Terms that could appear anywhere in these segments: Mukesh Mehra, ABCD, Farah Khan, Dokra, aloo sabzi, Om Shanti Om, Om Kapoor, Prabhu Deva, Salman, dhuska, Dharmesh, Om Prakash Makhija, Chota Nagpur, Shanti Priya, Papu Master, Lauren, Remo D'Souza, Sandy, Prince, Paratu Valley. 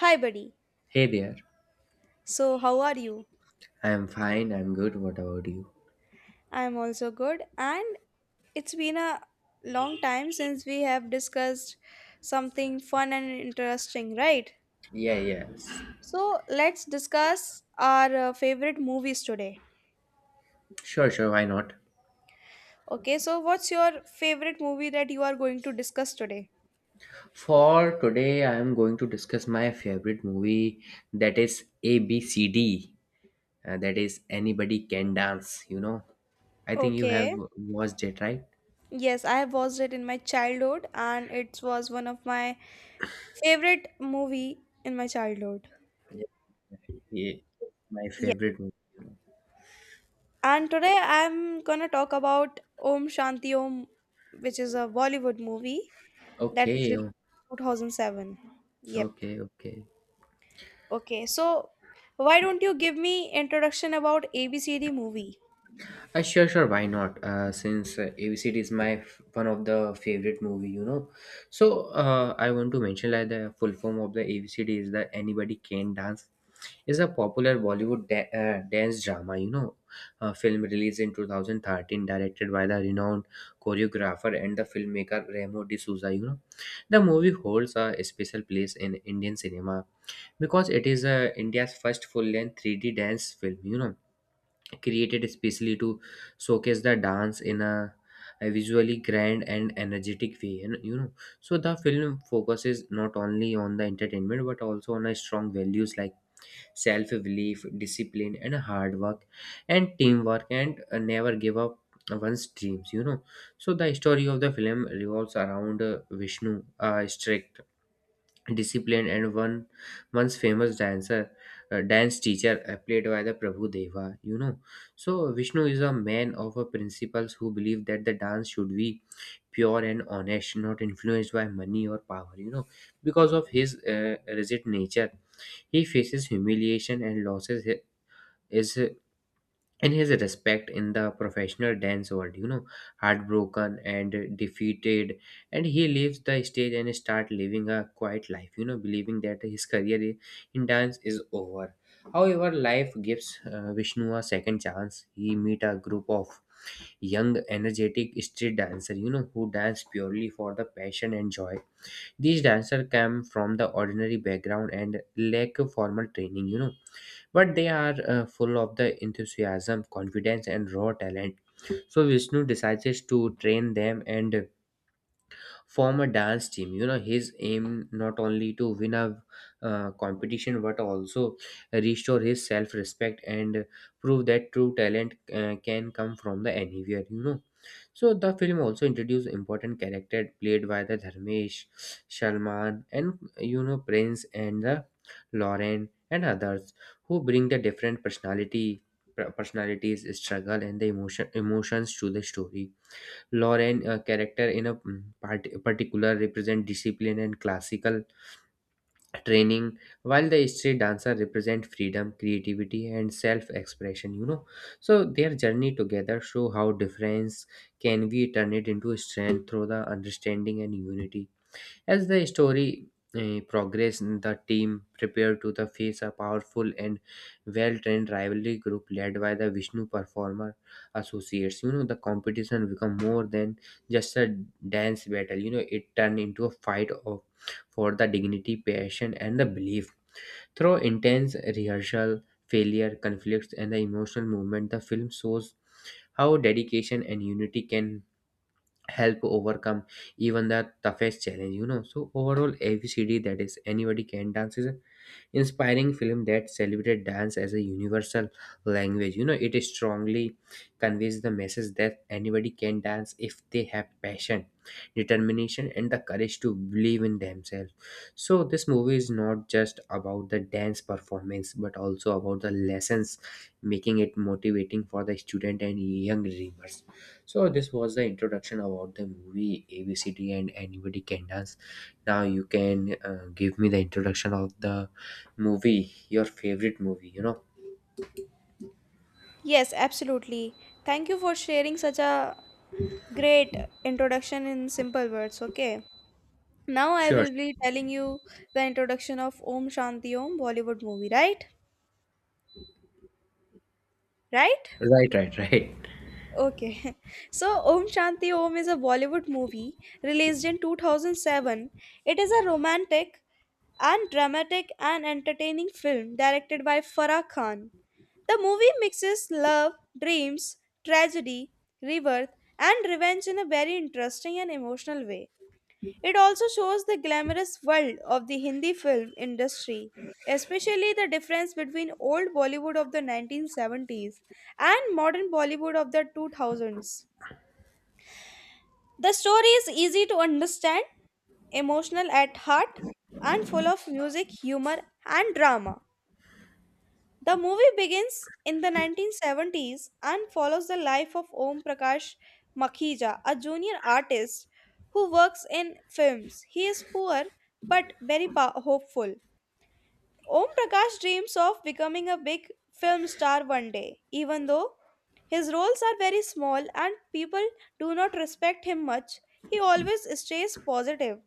Hi, buddy. Hey there. So, how are you? I'm fine, I'm good. What about you? I'm also good, and it's been a long time since we have discussed something fun and interesting, right? Yeah, yes. So, let's discuss our favorite movies today. Sure, sure, why not? Okay, so what's your favorite movie that you are going to discuss today? For today, I'm going to discuss my favorite movie that is ABCD. That is Anybody Can Dance. I think you have Okay. watched it, right? Yes, I have watched it in my childhood, and it was one of my favorite movie in my childhood. Yeah. My favorite movie. And today I'm gonna talk about Om Shanti Om, which is a Bollywood movie that is Okay, released in 2007. Yep. okay, okay. Okay, so why don't you give me introduction about ABCD movie? Sure, sure. Why not? Since Avicii is my one of the favorite movie. So I want to mention like the full form of the ABCD is that anybody can dance is a popular Bollywood dance drama, a film released in 2013, directed by the renowned choreographer and the filmmaker Remo D'Souza. The movie holds a special place in Indian cinema because it is India's first full-length 3D dance film. Created specially to showcase the dance in a visually grand and energetic way. And you know so the film focuses not only on the entertainment but also on a strong values like self-belief, discipline, and hard work, and teamwork, and never give up one's dreams. So the story of the film revolves around Vishnu, a strict discipline and one once famous dancer, dance teacher, played by the Prabhu Deva. So Vishnu is a man of a principles who believe that the dance should be pure and honest, not influenced by money or power. Because of his rigid nature, he faces humiliation and losses his, and his respect in the professional dance world. Heartbroken and defeated, and he leaves the stage and start living a quiet life, believing that his career in dance is over. However, life gives Vishnu a second chance. He meet a group of young energetic street dancer, who dance purely for the passion and joy. These dancers come from the ordinary background and lack formal training, but they are full of the enthusiasm, confidence, and raw talent. So Vishnu decides to train them and form a dance team. His aim not only to win a competition but also restore his self respect and prove that true talent can come from the anywhere. So the film also introduced important character played by the Dharmesh, Salman, and Prince and the Lauren and others who bring the different personality personalities, struggle, and the emotions to the story. Lauren, a character in a particular, represent discipline and classical training, while the street dancer represent freedom, creativity, and self-expression. So their journey together show how difference can we turn it into strength through the understanding and unity. As the story progressed, the team prepared to the face a powerful and well-trained rivalry group led by the Vishnu Performer Associates. The competition become more than just a dance battle. It turned into a fight of for the dignity, passion, and the belief. Through intense rehearsal, failure, conflicts, and the emotional movement, the film shows how dedication and unity can help overcome even the toughest challenge. So overall ABCD, that is anybody can dance, is inspiring film that celebrated dance as a universal language. It strongly conveys the message that anybody can dance if they have passion, determination, and the courage to believe in themselves. So, this movie is not just about the dance performance but also about the lessons, making it motivating for the student and young dreamers. So, this was the introduction about the movie ABCD and Anybody Can Dance. Now, you can give me the introduction of the movie, your favorite movie, you know? Yes, absolutely. Thank you for sharing such a great introduction in simple words, okay? Now I Sure. will be telling you the introduction of Om Shanti Om Bollywood movie, right? Right? Right, right, right. Okay. So, Om Shanti Om is a Bollywood movie released in 2007. It is a romantic and dramatic and entertaining film directed by Farah Khan. The movie mixes love, dreams, tragedy, rebirth, and revenge in a very interesting and emotional way. It also shows the glamorous world of the Hindi film industry, especially the difference between old Bollywood of the 1970s and modern Bollywood of the 2000s. The story is easy to understand, emotional at heart, and full of music, humor, and drama. The movie begins in the 1970s and follows the life of Om Prakash Makhija, a junior artist who works in films. He is poor but very hopeful. Om Prakash dreams of becoming a big film star one day, even though his roles are very small and people do not respect him much. He always stays positive.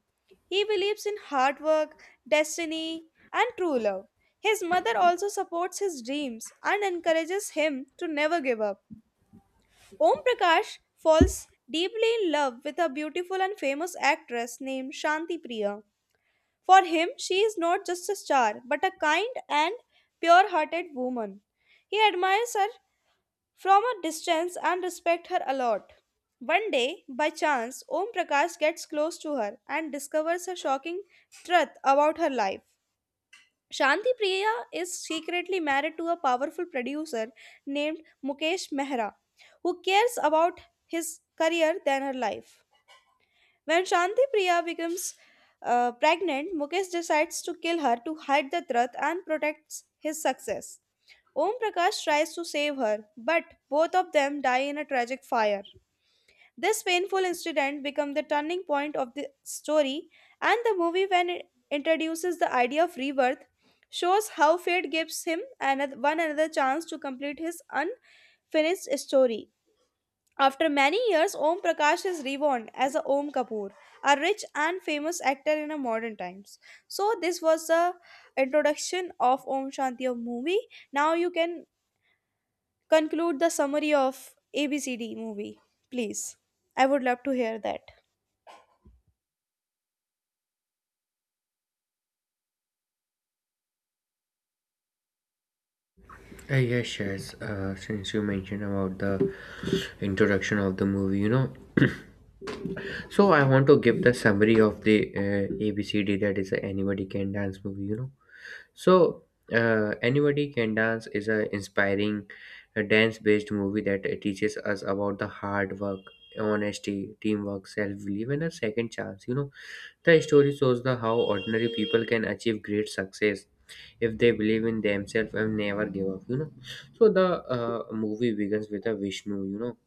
He believes in hard work, destiny, and true love. His mother also supports his dreams and encourages him to never give up. Om Prakash falls deeply in love with a beautiful and famous actress named Shanti Priya. For him, she is not just a star, but a kind and pure hearted woman. He admires her from a distance and respects her a lot. One day, by chance, Om Prakash gets close to her and discovers a shocking truth about her life. Shanti Priya is secretly married to a powerful producer named Mukesh Mehra, who cares about his career than her life. When Shanti Priya becomes pregnant, Mukesh decides to kill her to hide the truth and protects his success. Om Prakash tries to save her, but both of them die in a tragic fire. This painful incident becomes the turning point of the story, and the movie, when it introduces the idea of rebirth, shows how fate gives him one another chance to complete his unfinished story. After many years, Om Prakash is reborn as a Om Kapoor, a rich and famous actor in a modern times. So this was the introduction of Om Shanti of movie. Now you can conclude the summary of ABCD movie, please. I would love to hear that. Yes, Shaz, since you mentioned about the introduction of the movie, so I want to give the summary of the ABCD, that is a Anybody Can Dance movie. So, Anybody Can Dance is a inspiring dance based movie that teaches us about the hard work, honesty, teamwork, self belief, and a second chance, The story shows the how ordinary people can achieve great success if they believe in themselves and never give up. So the movie begins with a Vishnu,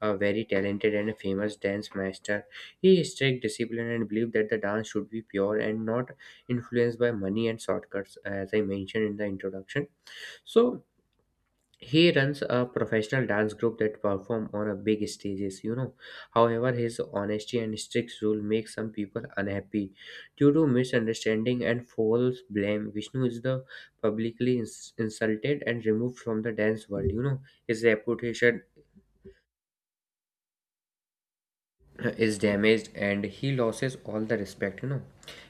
a very talented and famous dance master. He is strict discipline and believed that the dance should be pure and not influenced by money and shortcuts, as I mentioned in the introduction. So he runs a professional dance group that perform on a big stages. However, his honesty and strict rule make some people unhappy. Due to misunderstanding and false blame, Vishnu is the publicly insulted and removed from the dance world. His reputation is damaged and he loses all the respect.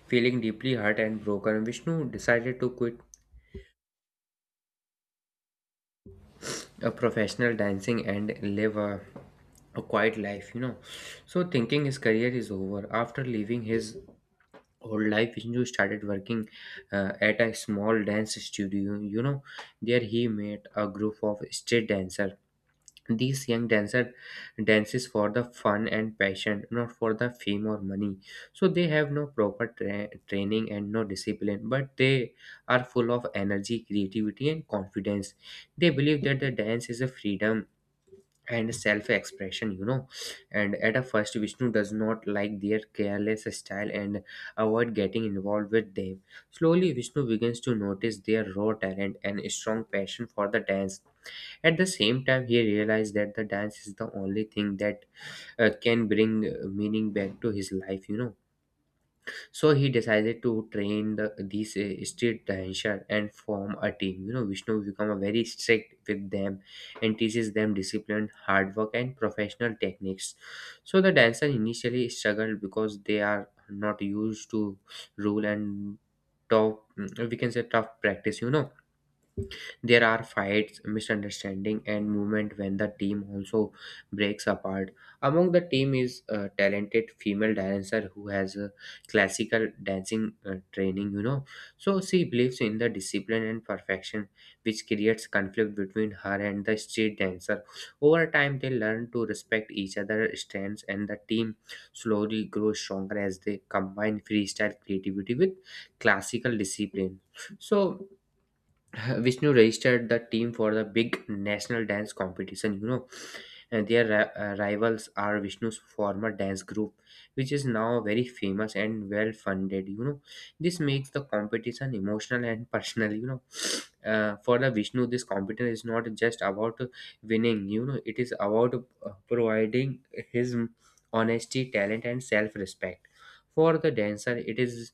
Feeling deeply hurt and broken, Vishnu decided to quit a professional dancing and live a quiet life, So, thinking his career is over after leaving his whole life, Vishnu started working at a small dance studio, There he met a group of street dancers. These young dancer dances for the fun and passion, not for the fame or money. So they have no proper training and no discipline, but they are full of energy, creativity, and confidence. They believe that the dance is a freedom and self-expression. And at a first, Vishnu does not like their careless style and avoid getting involved with them. Slowly, Vishnu begins to notice their raw talent and strong passion for the dance. At the same time, he realized that the dance is the only thing that can bring meaning back to his life. So he decided to train these street dancer and form a team. Vishnu become a very strict with them and teaches them discipline, hard work, and professional techniques. So the dancer initially struggled because they are not used to rule and tough, we can say tough practice, there are fights, misunderstanding, and movement when the team also breaks apart. Among the team is a talented female dancer who has a classical dancing training. So she believes in the discipline and perfection, which creates conflict between her and the street dancer. Over time, they learn to respect each other's strengths, and the team slowly grows stronger as they combine freestyle creativity with classical discipline. So Vishnu registered the team for the big national dance competition, and their rivals are Vishnu's former dance group, which is now very famous and well funded. This makes the competition emotional and personal. For the Vishnu, this competition is not just about winning. It is about providing his honesty, talent, and self-respect. For the dancer, it is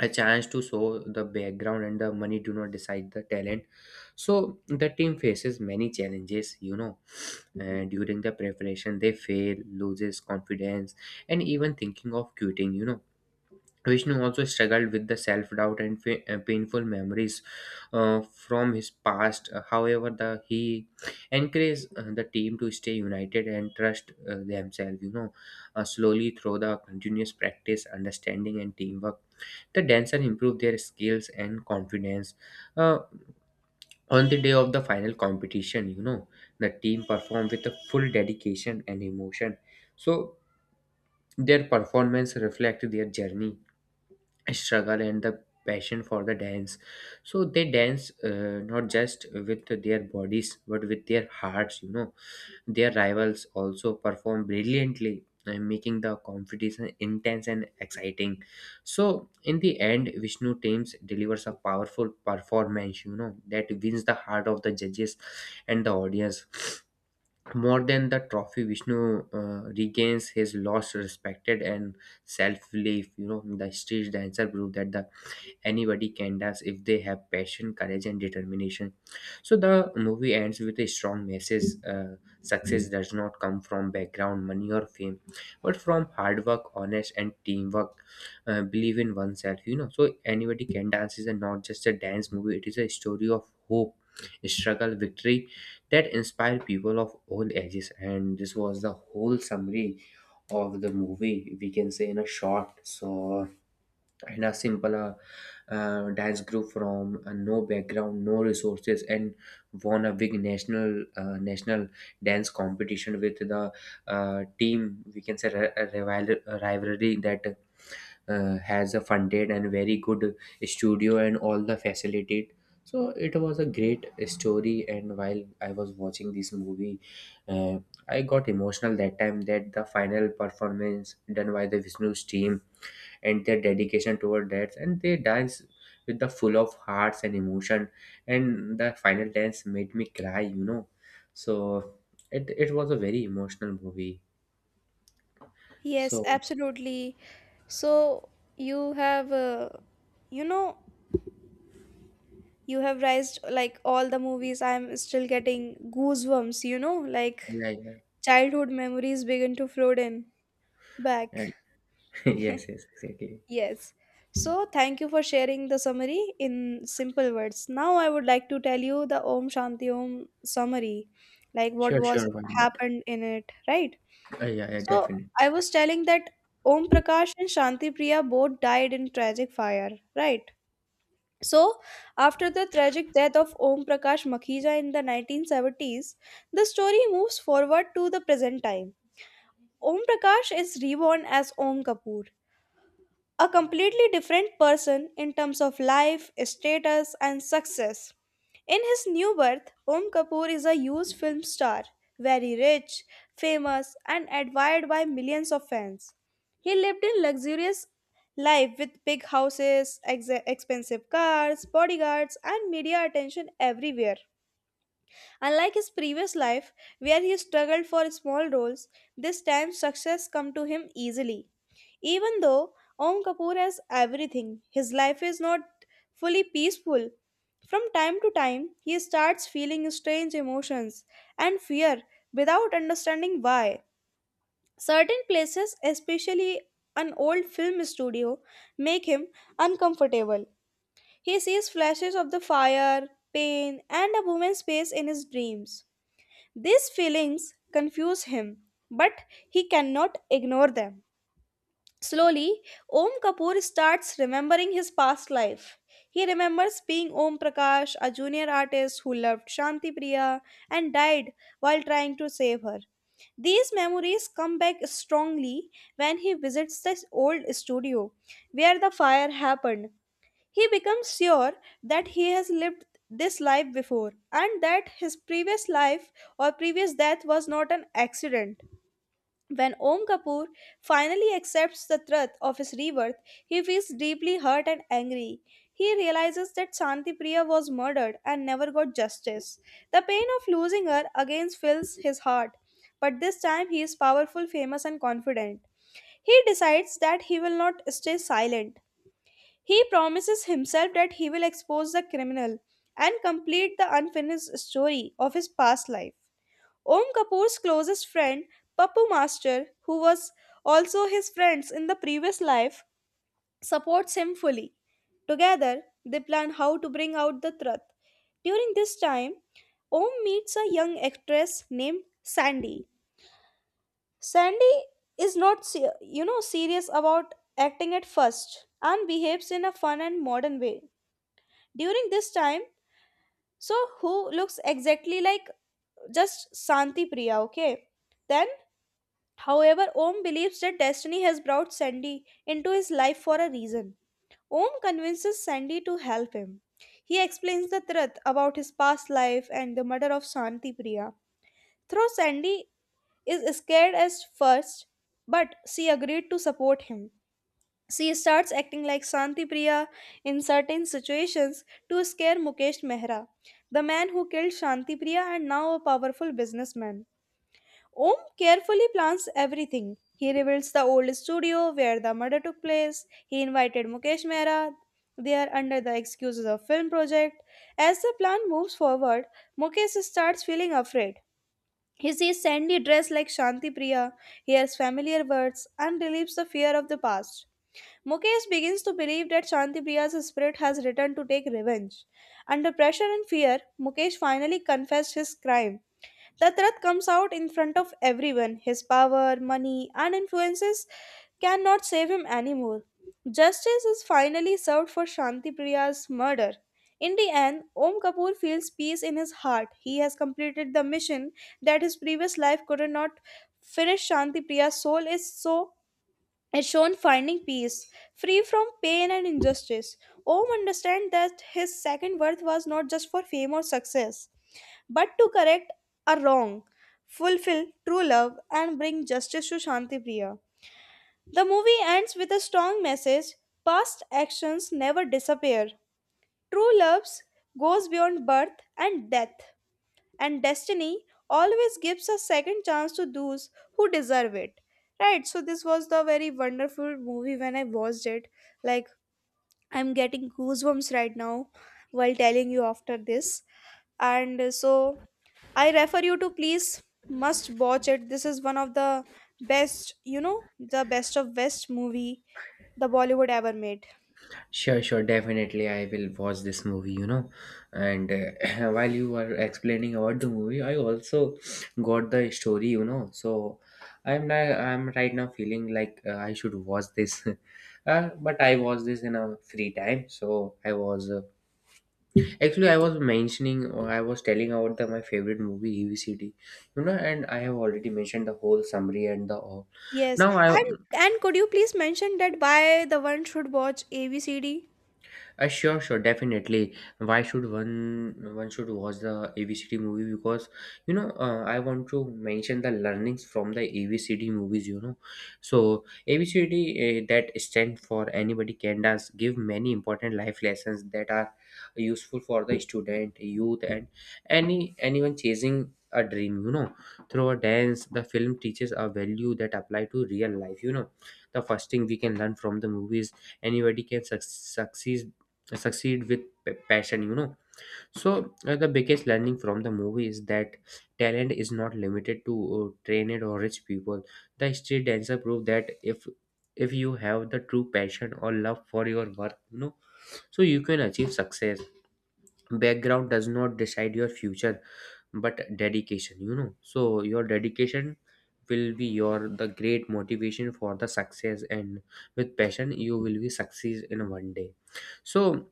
a chance to show the background and the money do not decide the talent. So the team faces many challenges, During the preparation they fail loses confidence and even thinking of quitting, Vishnu also struggled with the self doubt and painful memories from his past. However, the he encouraged the team to stay united and trust themselves. Slowly through the continuous practice, understanding, and teamwork, the dancer improved their skills and confidence. Uh, on the day of the final competition, the team performed with a full dedication and emotion. So their performance reflected their journey, struggle, and the passion for the dance, so they dance not just with their bodies but with their hearts. Their rivals also perform brilliantly, making the competition intense and exciting. So in the end, vishnu teams delivers a powerful performance, that wins the heart of the judges and the audience more than the trophy, Vishnu regains his lost respected and self-belief. The street dancer proved that the anybody can does if they have passion, courage, and determination. So the movie ends with a strong message. Success does not come from background, money, or fame, but from hard work, honest, and teamwork, believe in oneself. So anybody can dance is a, not just a dance movie. It is a story of hope, struggle, victory that inspire people of all ages. And this was the whole summary of the movie, we can say in a short. So in a simple, dance group from no background, no resources, and won a big national, national dance competition with the team. We can say a rivalry that has a funded and very good studio and all the facilitate. So it was a great story. And while I was watching this movie, uh, I got emotional that time, that the final performance done by the Vishnu's team and their dedication toward that, and they dance with the full of hearts and emotion. And the final dance made me cry. So it was a very emotional movie. Yes, So absolutely. So you have, you know, you have raised like all the movies. I'm still getting goosebumps. You know, like yeah, yeah. childhood memories begin to flood in. Back. And yes, yes, exactly. Yes. So, thank you for sharing the summary in simple words. Now, I would like to tell you the Om Shanti Om summary, like what Sure, was sure, why not. happened in it, right? Yeah, yeah, So, definitely. I was telling that Om Prakash and Shanti Priya both died in tragic fire, right? So, after the tragic death of Om Prakash Makhija in the 1970s, the story moves forward to the present time. Om Prakash is reborn as Om Kapoor, a completely different person in terms of life, status, and success. In his new birth, Om Kapoor is a huge film star, very rich, famous, and admired by millions of fans. He lived in luxurious life with big houses, expensive cars, bodyguards, and media attention everywhere. Unlike his previous life, where he struggled for small roles, this time success come to him easily. Even though Om Kapoor has everything, his life is not fully peaceful. From time to time, he starts feeling strange emotions and fear without understanding why. Certain places, especially an old film studio, make him uncomfortable. He sees flashes of the fire, pain, and a woman's face in his dreams. These feelings confuse him, but he cannot ignore them. Slowly, Om Kapoor starts remembering his past life. He remembers being Om Prakash, a junior artist who loved Shanti Priya and died while trying to save her. These memories come back strongly when he visits this old studio where the fire happened. He becomes sure that he has lived this life before and that his previous life or previous death was not an accident. When Om Kapoor finally accepts the truth of his rebirth, he feels deeply hurt and angry. He realizes that Shanti Priya was murdered and never got justice. The pain of losing her again fills his heart, but this time he is powerful, famous, and confident. He decides that he will not stay silent. He promises himself that he will expose the criminal and complete the unfinished story of his past life. Om Kapoor's closest friend, Papu Master, who was also his friends in the previous life, supports him fully. Together, they plan how to bring out the truth. During this time, Om meets a young actress named Sandy. Sandy is not, serious about acting at first and behaves in a fun and modern way. During this time, so who looks exactly like just Santi Priya, okay? Then, however, Om believes that destiny has brought Sandy into his life for a reason. Om convinces Sandy to help him. He explains the truth about his past life and the murder of Santi Priya. Though Sandy is scared at first, but she agreed to support him. She starts acting like Shanti Priya in certain situations to scare Mukesh Mehra, the man who killed Shanti Priya and now a powerful businessman. Om carefully plans everything. He reveals the old studio where the murder took place. He invited Mukesh Mehra there under the excuses of film project. As the plan moves forward, Mukesh starts feeling afraid. He sees Sandy dressed like Shanti Priya, hears familiar words, and relieves the fear of the past. Mukesh begins to believe that Shantipriya's spirit has returned to take revenge. Under pressure and fear, Mukesh finally confessed his crime. Tatrat comes out in front of everyone. His power, money, and influences cannot save him anymore. Justice is finally served for Shantipriya's murder. In the end, Om Kapoor feels peace in his heart. He has completed the mission that his previous life could not finish. Shantipriya's soul is so is shown finding peace, free from pain and injustice. Om understands that his second birth was not just for fame or success, but to correct a wrong, fulfill true love, and bring justice to Shanti Priya. The movie ends with a strong message past actions never disappear. True love goes beyond birth and death and destiny always gives a second chance to those who deserve it. Right, so this was the very wonderful movie when I watched it. Like, I'm getting goosebumps right now while telling you after this. And so I refer you to please must watch it. This is one of the best, the best of best movie the Bollywood ever made. Sure, sure, definitely. I will watch this movie. And while you were explaining about the movie, I also got the story. So I'm now, I'm right now feeling like I should watch this, but I watch this in a free time. So I was actually I was mentioning or I was telling about the my favorite movie EVCD, and I have already mentioned the whole summary and the all. Yes, Now I. and could you please mention that why the one should watch ABCD? Sure, sure, definitely. Why should one should watch the ABCD movie? Because I want to mention the learnings from the ABCD movies. So ABCD, that stand for anybody can dance, give many important life lessons that are useful for the student, youth, and anyone chasing a dream. Through a dance, the film teaches a value that apply to real life. The first thing we can learn from the movies, anybody can succeed, succeed with passion. So the biggest learning from the movie is that talent is not limited to trained or rich people. The street dancer proved that if you have the true passion or love for your work. So you can achieve success. Background does not decide your future, but dedication. So your dedication will be your the great motivation for the success. And with passion, you will be succeed in one day. So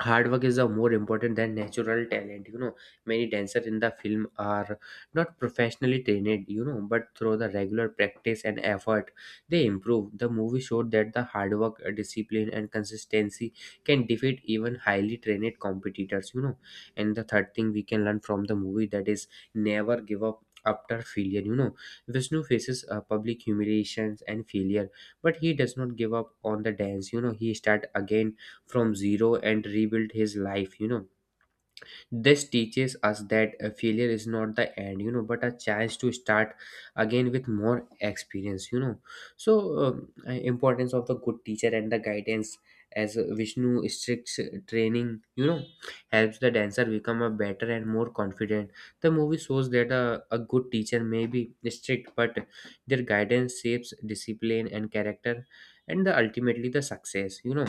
hard work is a more important than natural talent. Many dancers in the film are not professionally trained, but through the regular practice and effort, they improve. The movie showed that the hard work, discipline, and consistency can defeat even highly trained competitors. And the third thing we can learn from the movie, that is never give up after failure. Vishnu faces public humiliations and failure, but he does not give up on the dance. He start again from zero and rebuild his life. This teaches us that a failure is not the end, but a chance to start again with more experience. So importance of the good teacher and the guidance, as Vishnu strict training helps the dancer become a better and more confident. The movie shows that a good teacher may be strict, but their guidance shapes discipline and character, and the, ultimately the success.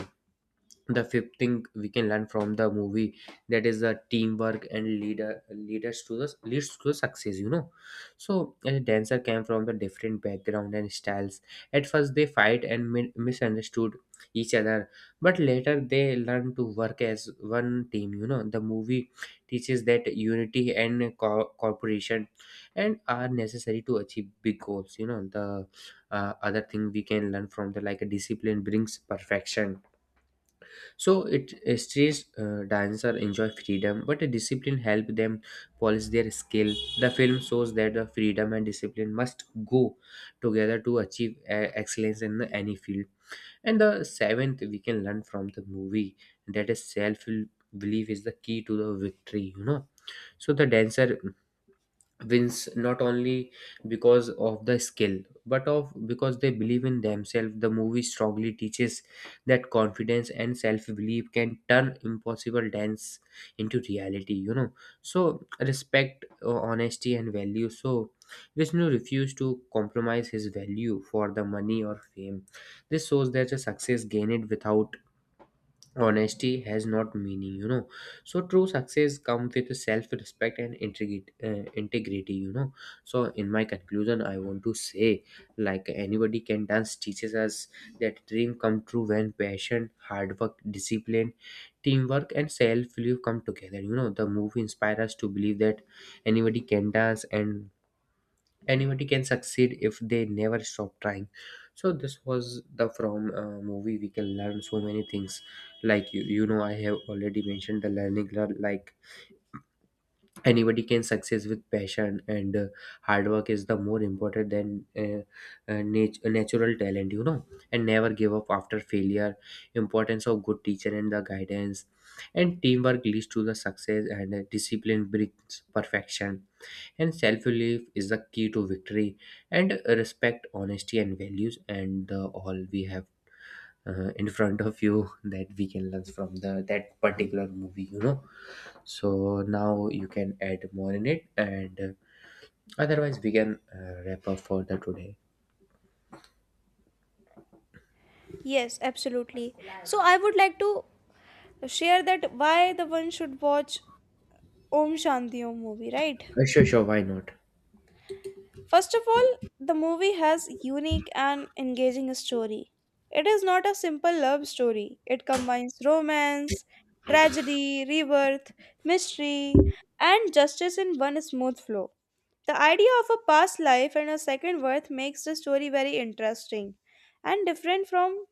The fifth thing we can learn from the movie, that is the teamwork and leader leaders to the leads to the success. So a dancer came from the different background and styles. At first they fight and misunderstood each other, but later they learn to work as one team. The movie teaches that unity and cooperation and are necessary to achieve big goals. The other thing we can learn from the, like discipline brings perfection. So it a street dancer enjoy freedom, but a discipline help them polish their skill. The film shows that the freedom and discipline must go together to achieve excellence in any field. And the seventh, we can learn from the movie that a self belief is the key to the victory. So the dancer wins not only because of the skill, but of because they believe in themselves. The movie strongly teaches that confidence and self-belief can turn impossible dance into reality. So respect, honesty, and value. So Vishnu refused to compromise his value for the money or fame. This shows that the success gained without honesty has not meaning. So true success come with self respect and integrity, integrity. So in my conclusion, I want to say, like anybody can dance teaches us that dream come true when passion, hard work, discipline, teamwork, and self belief come together. The movie inspires us to believe that anybody can dance and anybody can succeed if they never stop trying. So this was the from movie we can learn so many things. Like you know I have already mentioned the learning, like anybody can success with passion, and hard work is the more important than natural talent. And never give up after failure, importance of good teacher and the guidance, and teamwork leads to the success, and discipline brings perfection, and self-belief is the key to victory, and respect, honesty, and values, and all we have in front of you that we can learn from the that particular movie. So now you can add more in it, and otherwise we can wrap up for the today. Yes, absolutely. So I would like to share that why the one should watch Om Shanti Om movie, right? Sure, sure, why not. First of all, the movie has unique and engaging story. It is not a simple love story. It combines romance, tragedy, rebirth, mystery, and justice in one smooth flow. The idea of a past life and a second birth makes the story very interesting and different from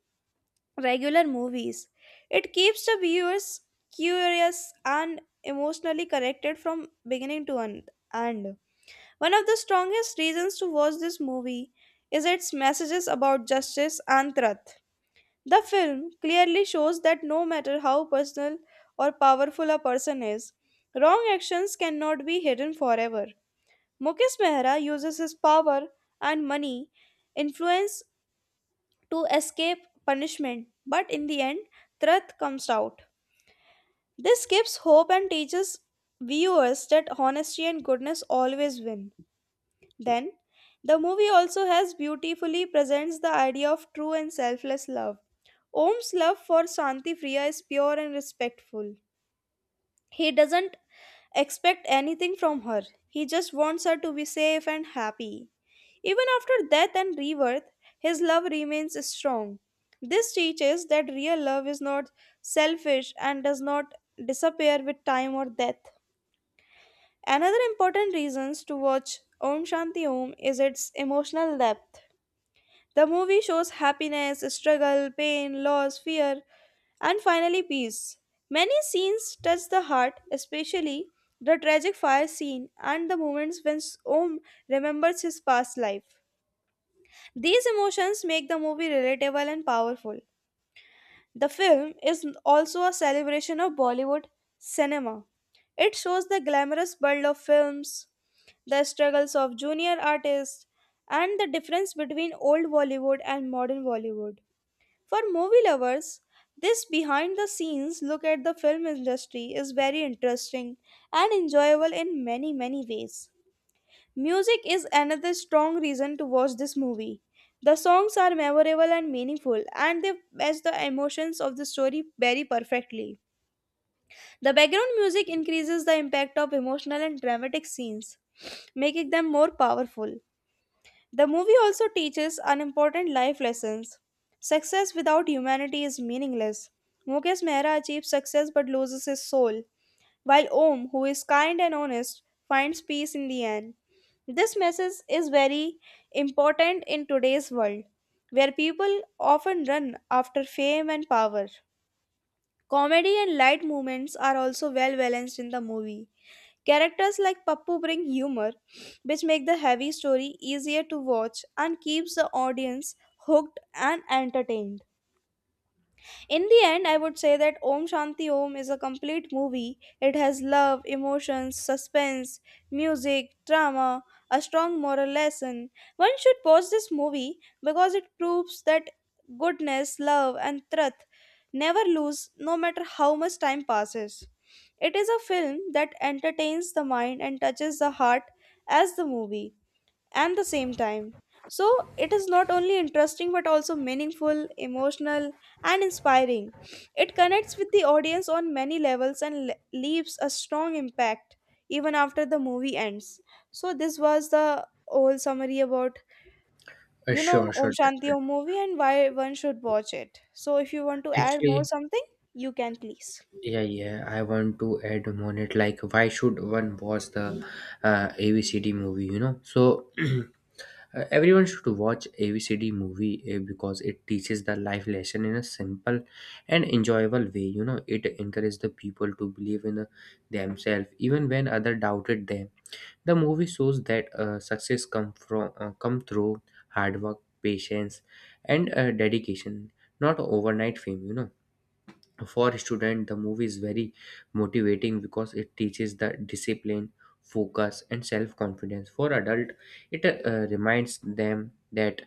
regular movies. It keeps the viewers curious and emotionally connected from beginning to end. One of the strongest reasons to watch this movie is its messages about justice and truth. The film clearly shows that no matter how personal or powerful a person is, wrong actions cannot be hidden forever. Mukesh Mehra uses his power and money influence to escape punishment, but in the end, truth comes out. This gives hope and teaches viewers that honesty and goodness always win. Then, the movie also has beautifully presents the idea of true and selfless love. Om's love for Shanti Priya is pure and respectful. He doesn't expect anything from her. He just wants her to be safe and happy. Even after death and rebirth, his love remains strong. This teaches that real love is not selfish and does not disappear with time or death. Another important reason to watch Om Shanti Om is its emotional depth. The movie shows happiness, struggle, pain, loss, fear, and finally peace. Many scenes touch the heart, especially the tragic fire scene and the moments when Om remembers his past life. These emotions make the movie relatable and powerful. The film is also a celebration of Bollywood cinema. It shows the glamorous world of films, the struggles of junior artists, and the difference between old Bollywood and modern Bollywood. For movie lovers, this behind the scenes look at the film industry is very interesting and enjoyable in many, many ways. Music is another strong reason to watch this movie. The songs are memorable and meaningful, and they match the emotions of the story very perfectly. The background music increases the impact of emotional and dramatic scenes, making them more powerful. The movie also teaches an important life lessons. Success without humanity is meaningless. Mukesh Mehra achieves success but loses his soul, while Om, who is kind and honest, finds peace in the end. This message is very important in today's world, where people often run after fame and power. Comedy and light moments are also well balanced in the movie. Characters like Pappu bring humor, which make the heavy story easier to watch and keeps the audience hooked and entertained. In the end, I would say that Om Shanti Om is a complete movie. It has love, emotions, suspense, music, drama, a strong moral lesson. One should watch this movie because it proves that goodness, love, and truth never lose no matter how much time passes. It is a film that entertains the mind and touches the heart as the movie and the same time. So it is not only interesting but also meaningful, emotional, and inspiring. It connects with the audience on many levels and leaves a strong impact even after the movie ends. So this was the whole summary about you know Sure, Om sure. Shanti Om movie and why one should watch it. So if you want to add more Actually, something, you can please. yeah, yeah, I want to add on it. Like, why should one watch the ABCD movie? So everyone should watch ABCD movie because it teaches the life lesson in a simple and enjoyable way. It encourages the people to believe in themselves even when other doubted them. The movie shows that success come from come through hard work, patience, and dedication, not overnight fame. For a student, the movie is very motivating because it teaches the discipline, focus, and self confidence for adult, it reminds them that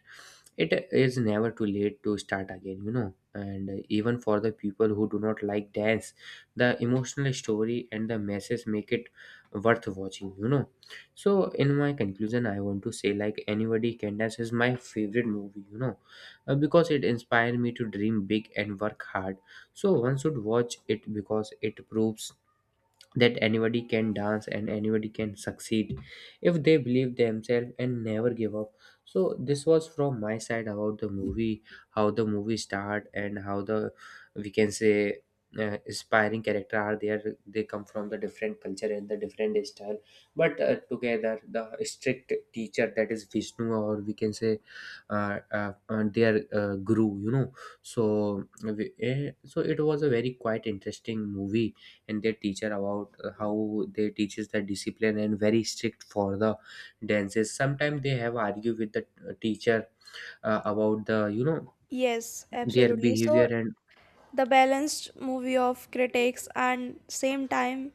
it is never too late to start again. And even for the people who do not like dance, the emotional story and the message make it worth watching. So in my conclusion, I want to say, like anybody can dance is my favorite movie. Because it inspired me to dream big and work hard. So one should watch it because it proves that anybody can dance and anybody can succeed if they believe themselves and never give up. So this was from my side about the movie, how the movie start and how the, we can say inspiring character are there. They come from the different culture and the different style, but together the strict teacher that is Vishnu, or we can say their guru. So so it was a very quite interesting movie. And their teacher about how they teaches the discipline and very strict for the dances. Sometimes they have argue with the teacher about the, you know, Yes, their absolutely. So behavior and the balanced movie of critics and same time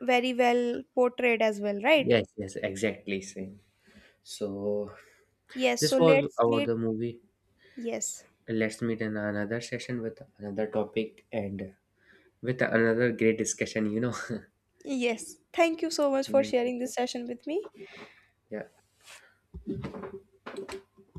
very well portrayed as well, right? yes, yes, exactly same. So Yes, this so was let's about meet. the movie. Yes, Let's meet in another session with another topic and with another great discussion. Yes. Thank you so much for Thank you. sharing this session with me. Yeah.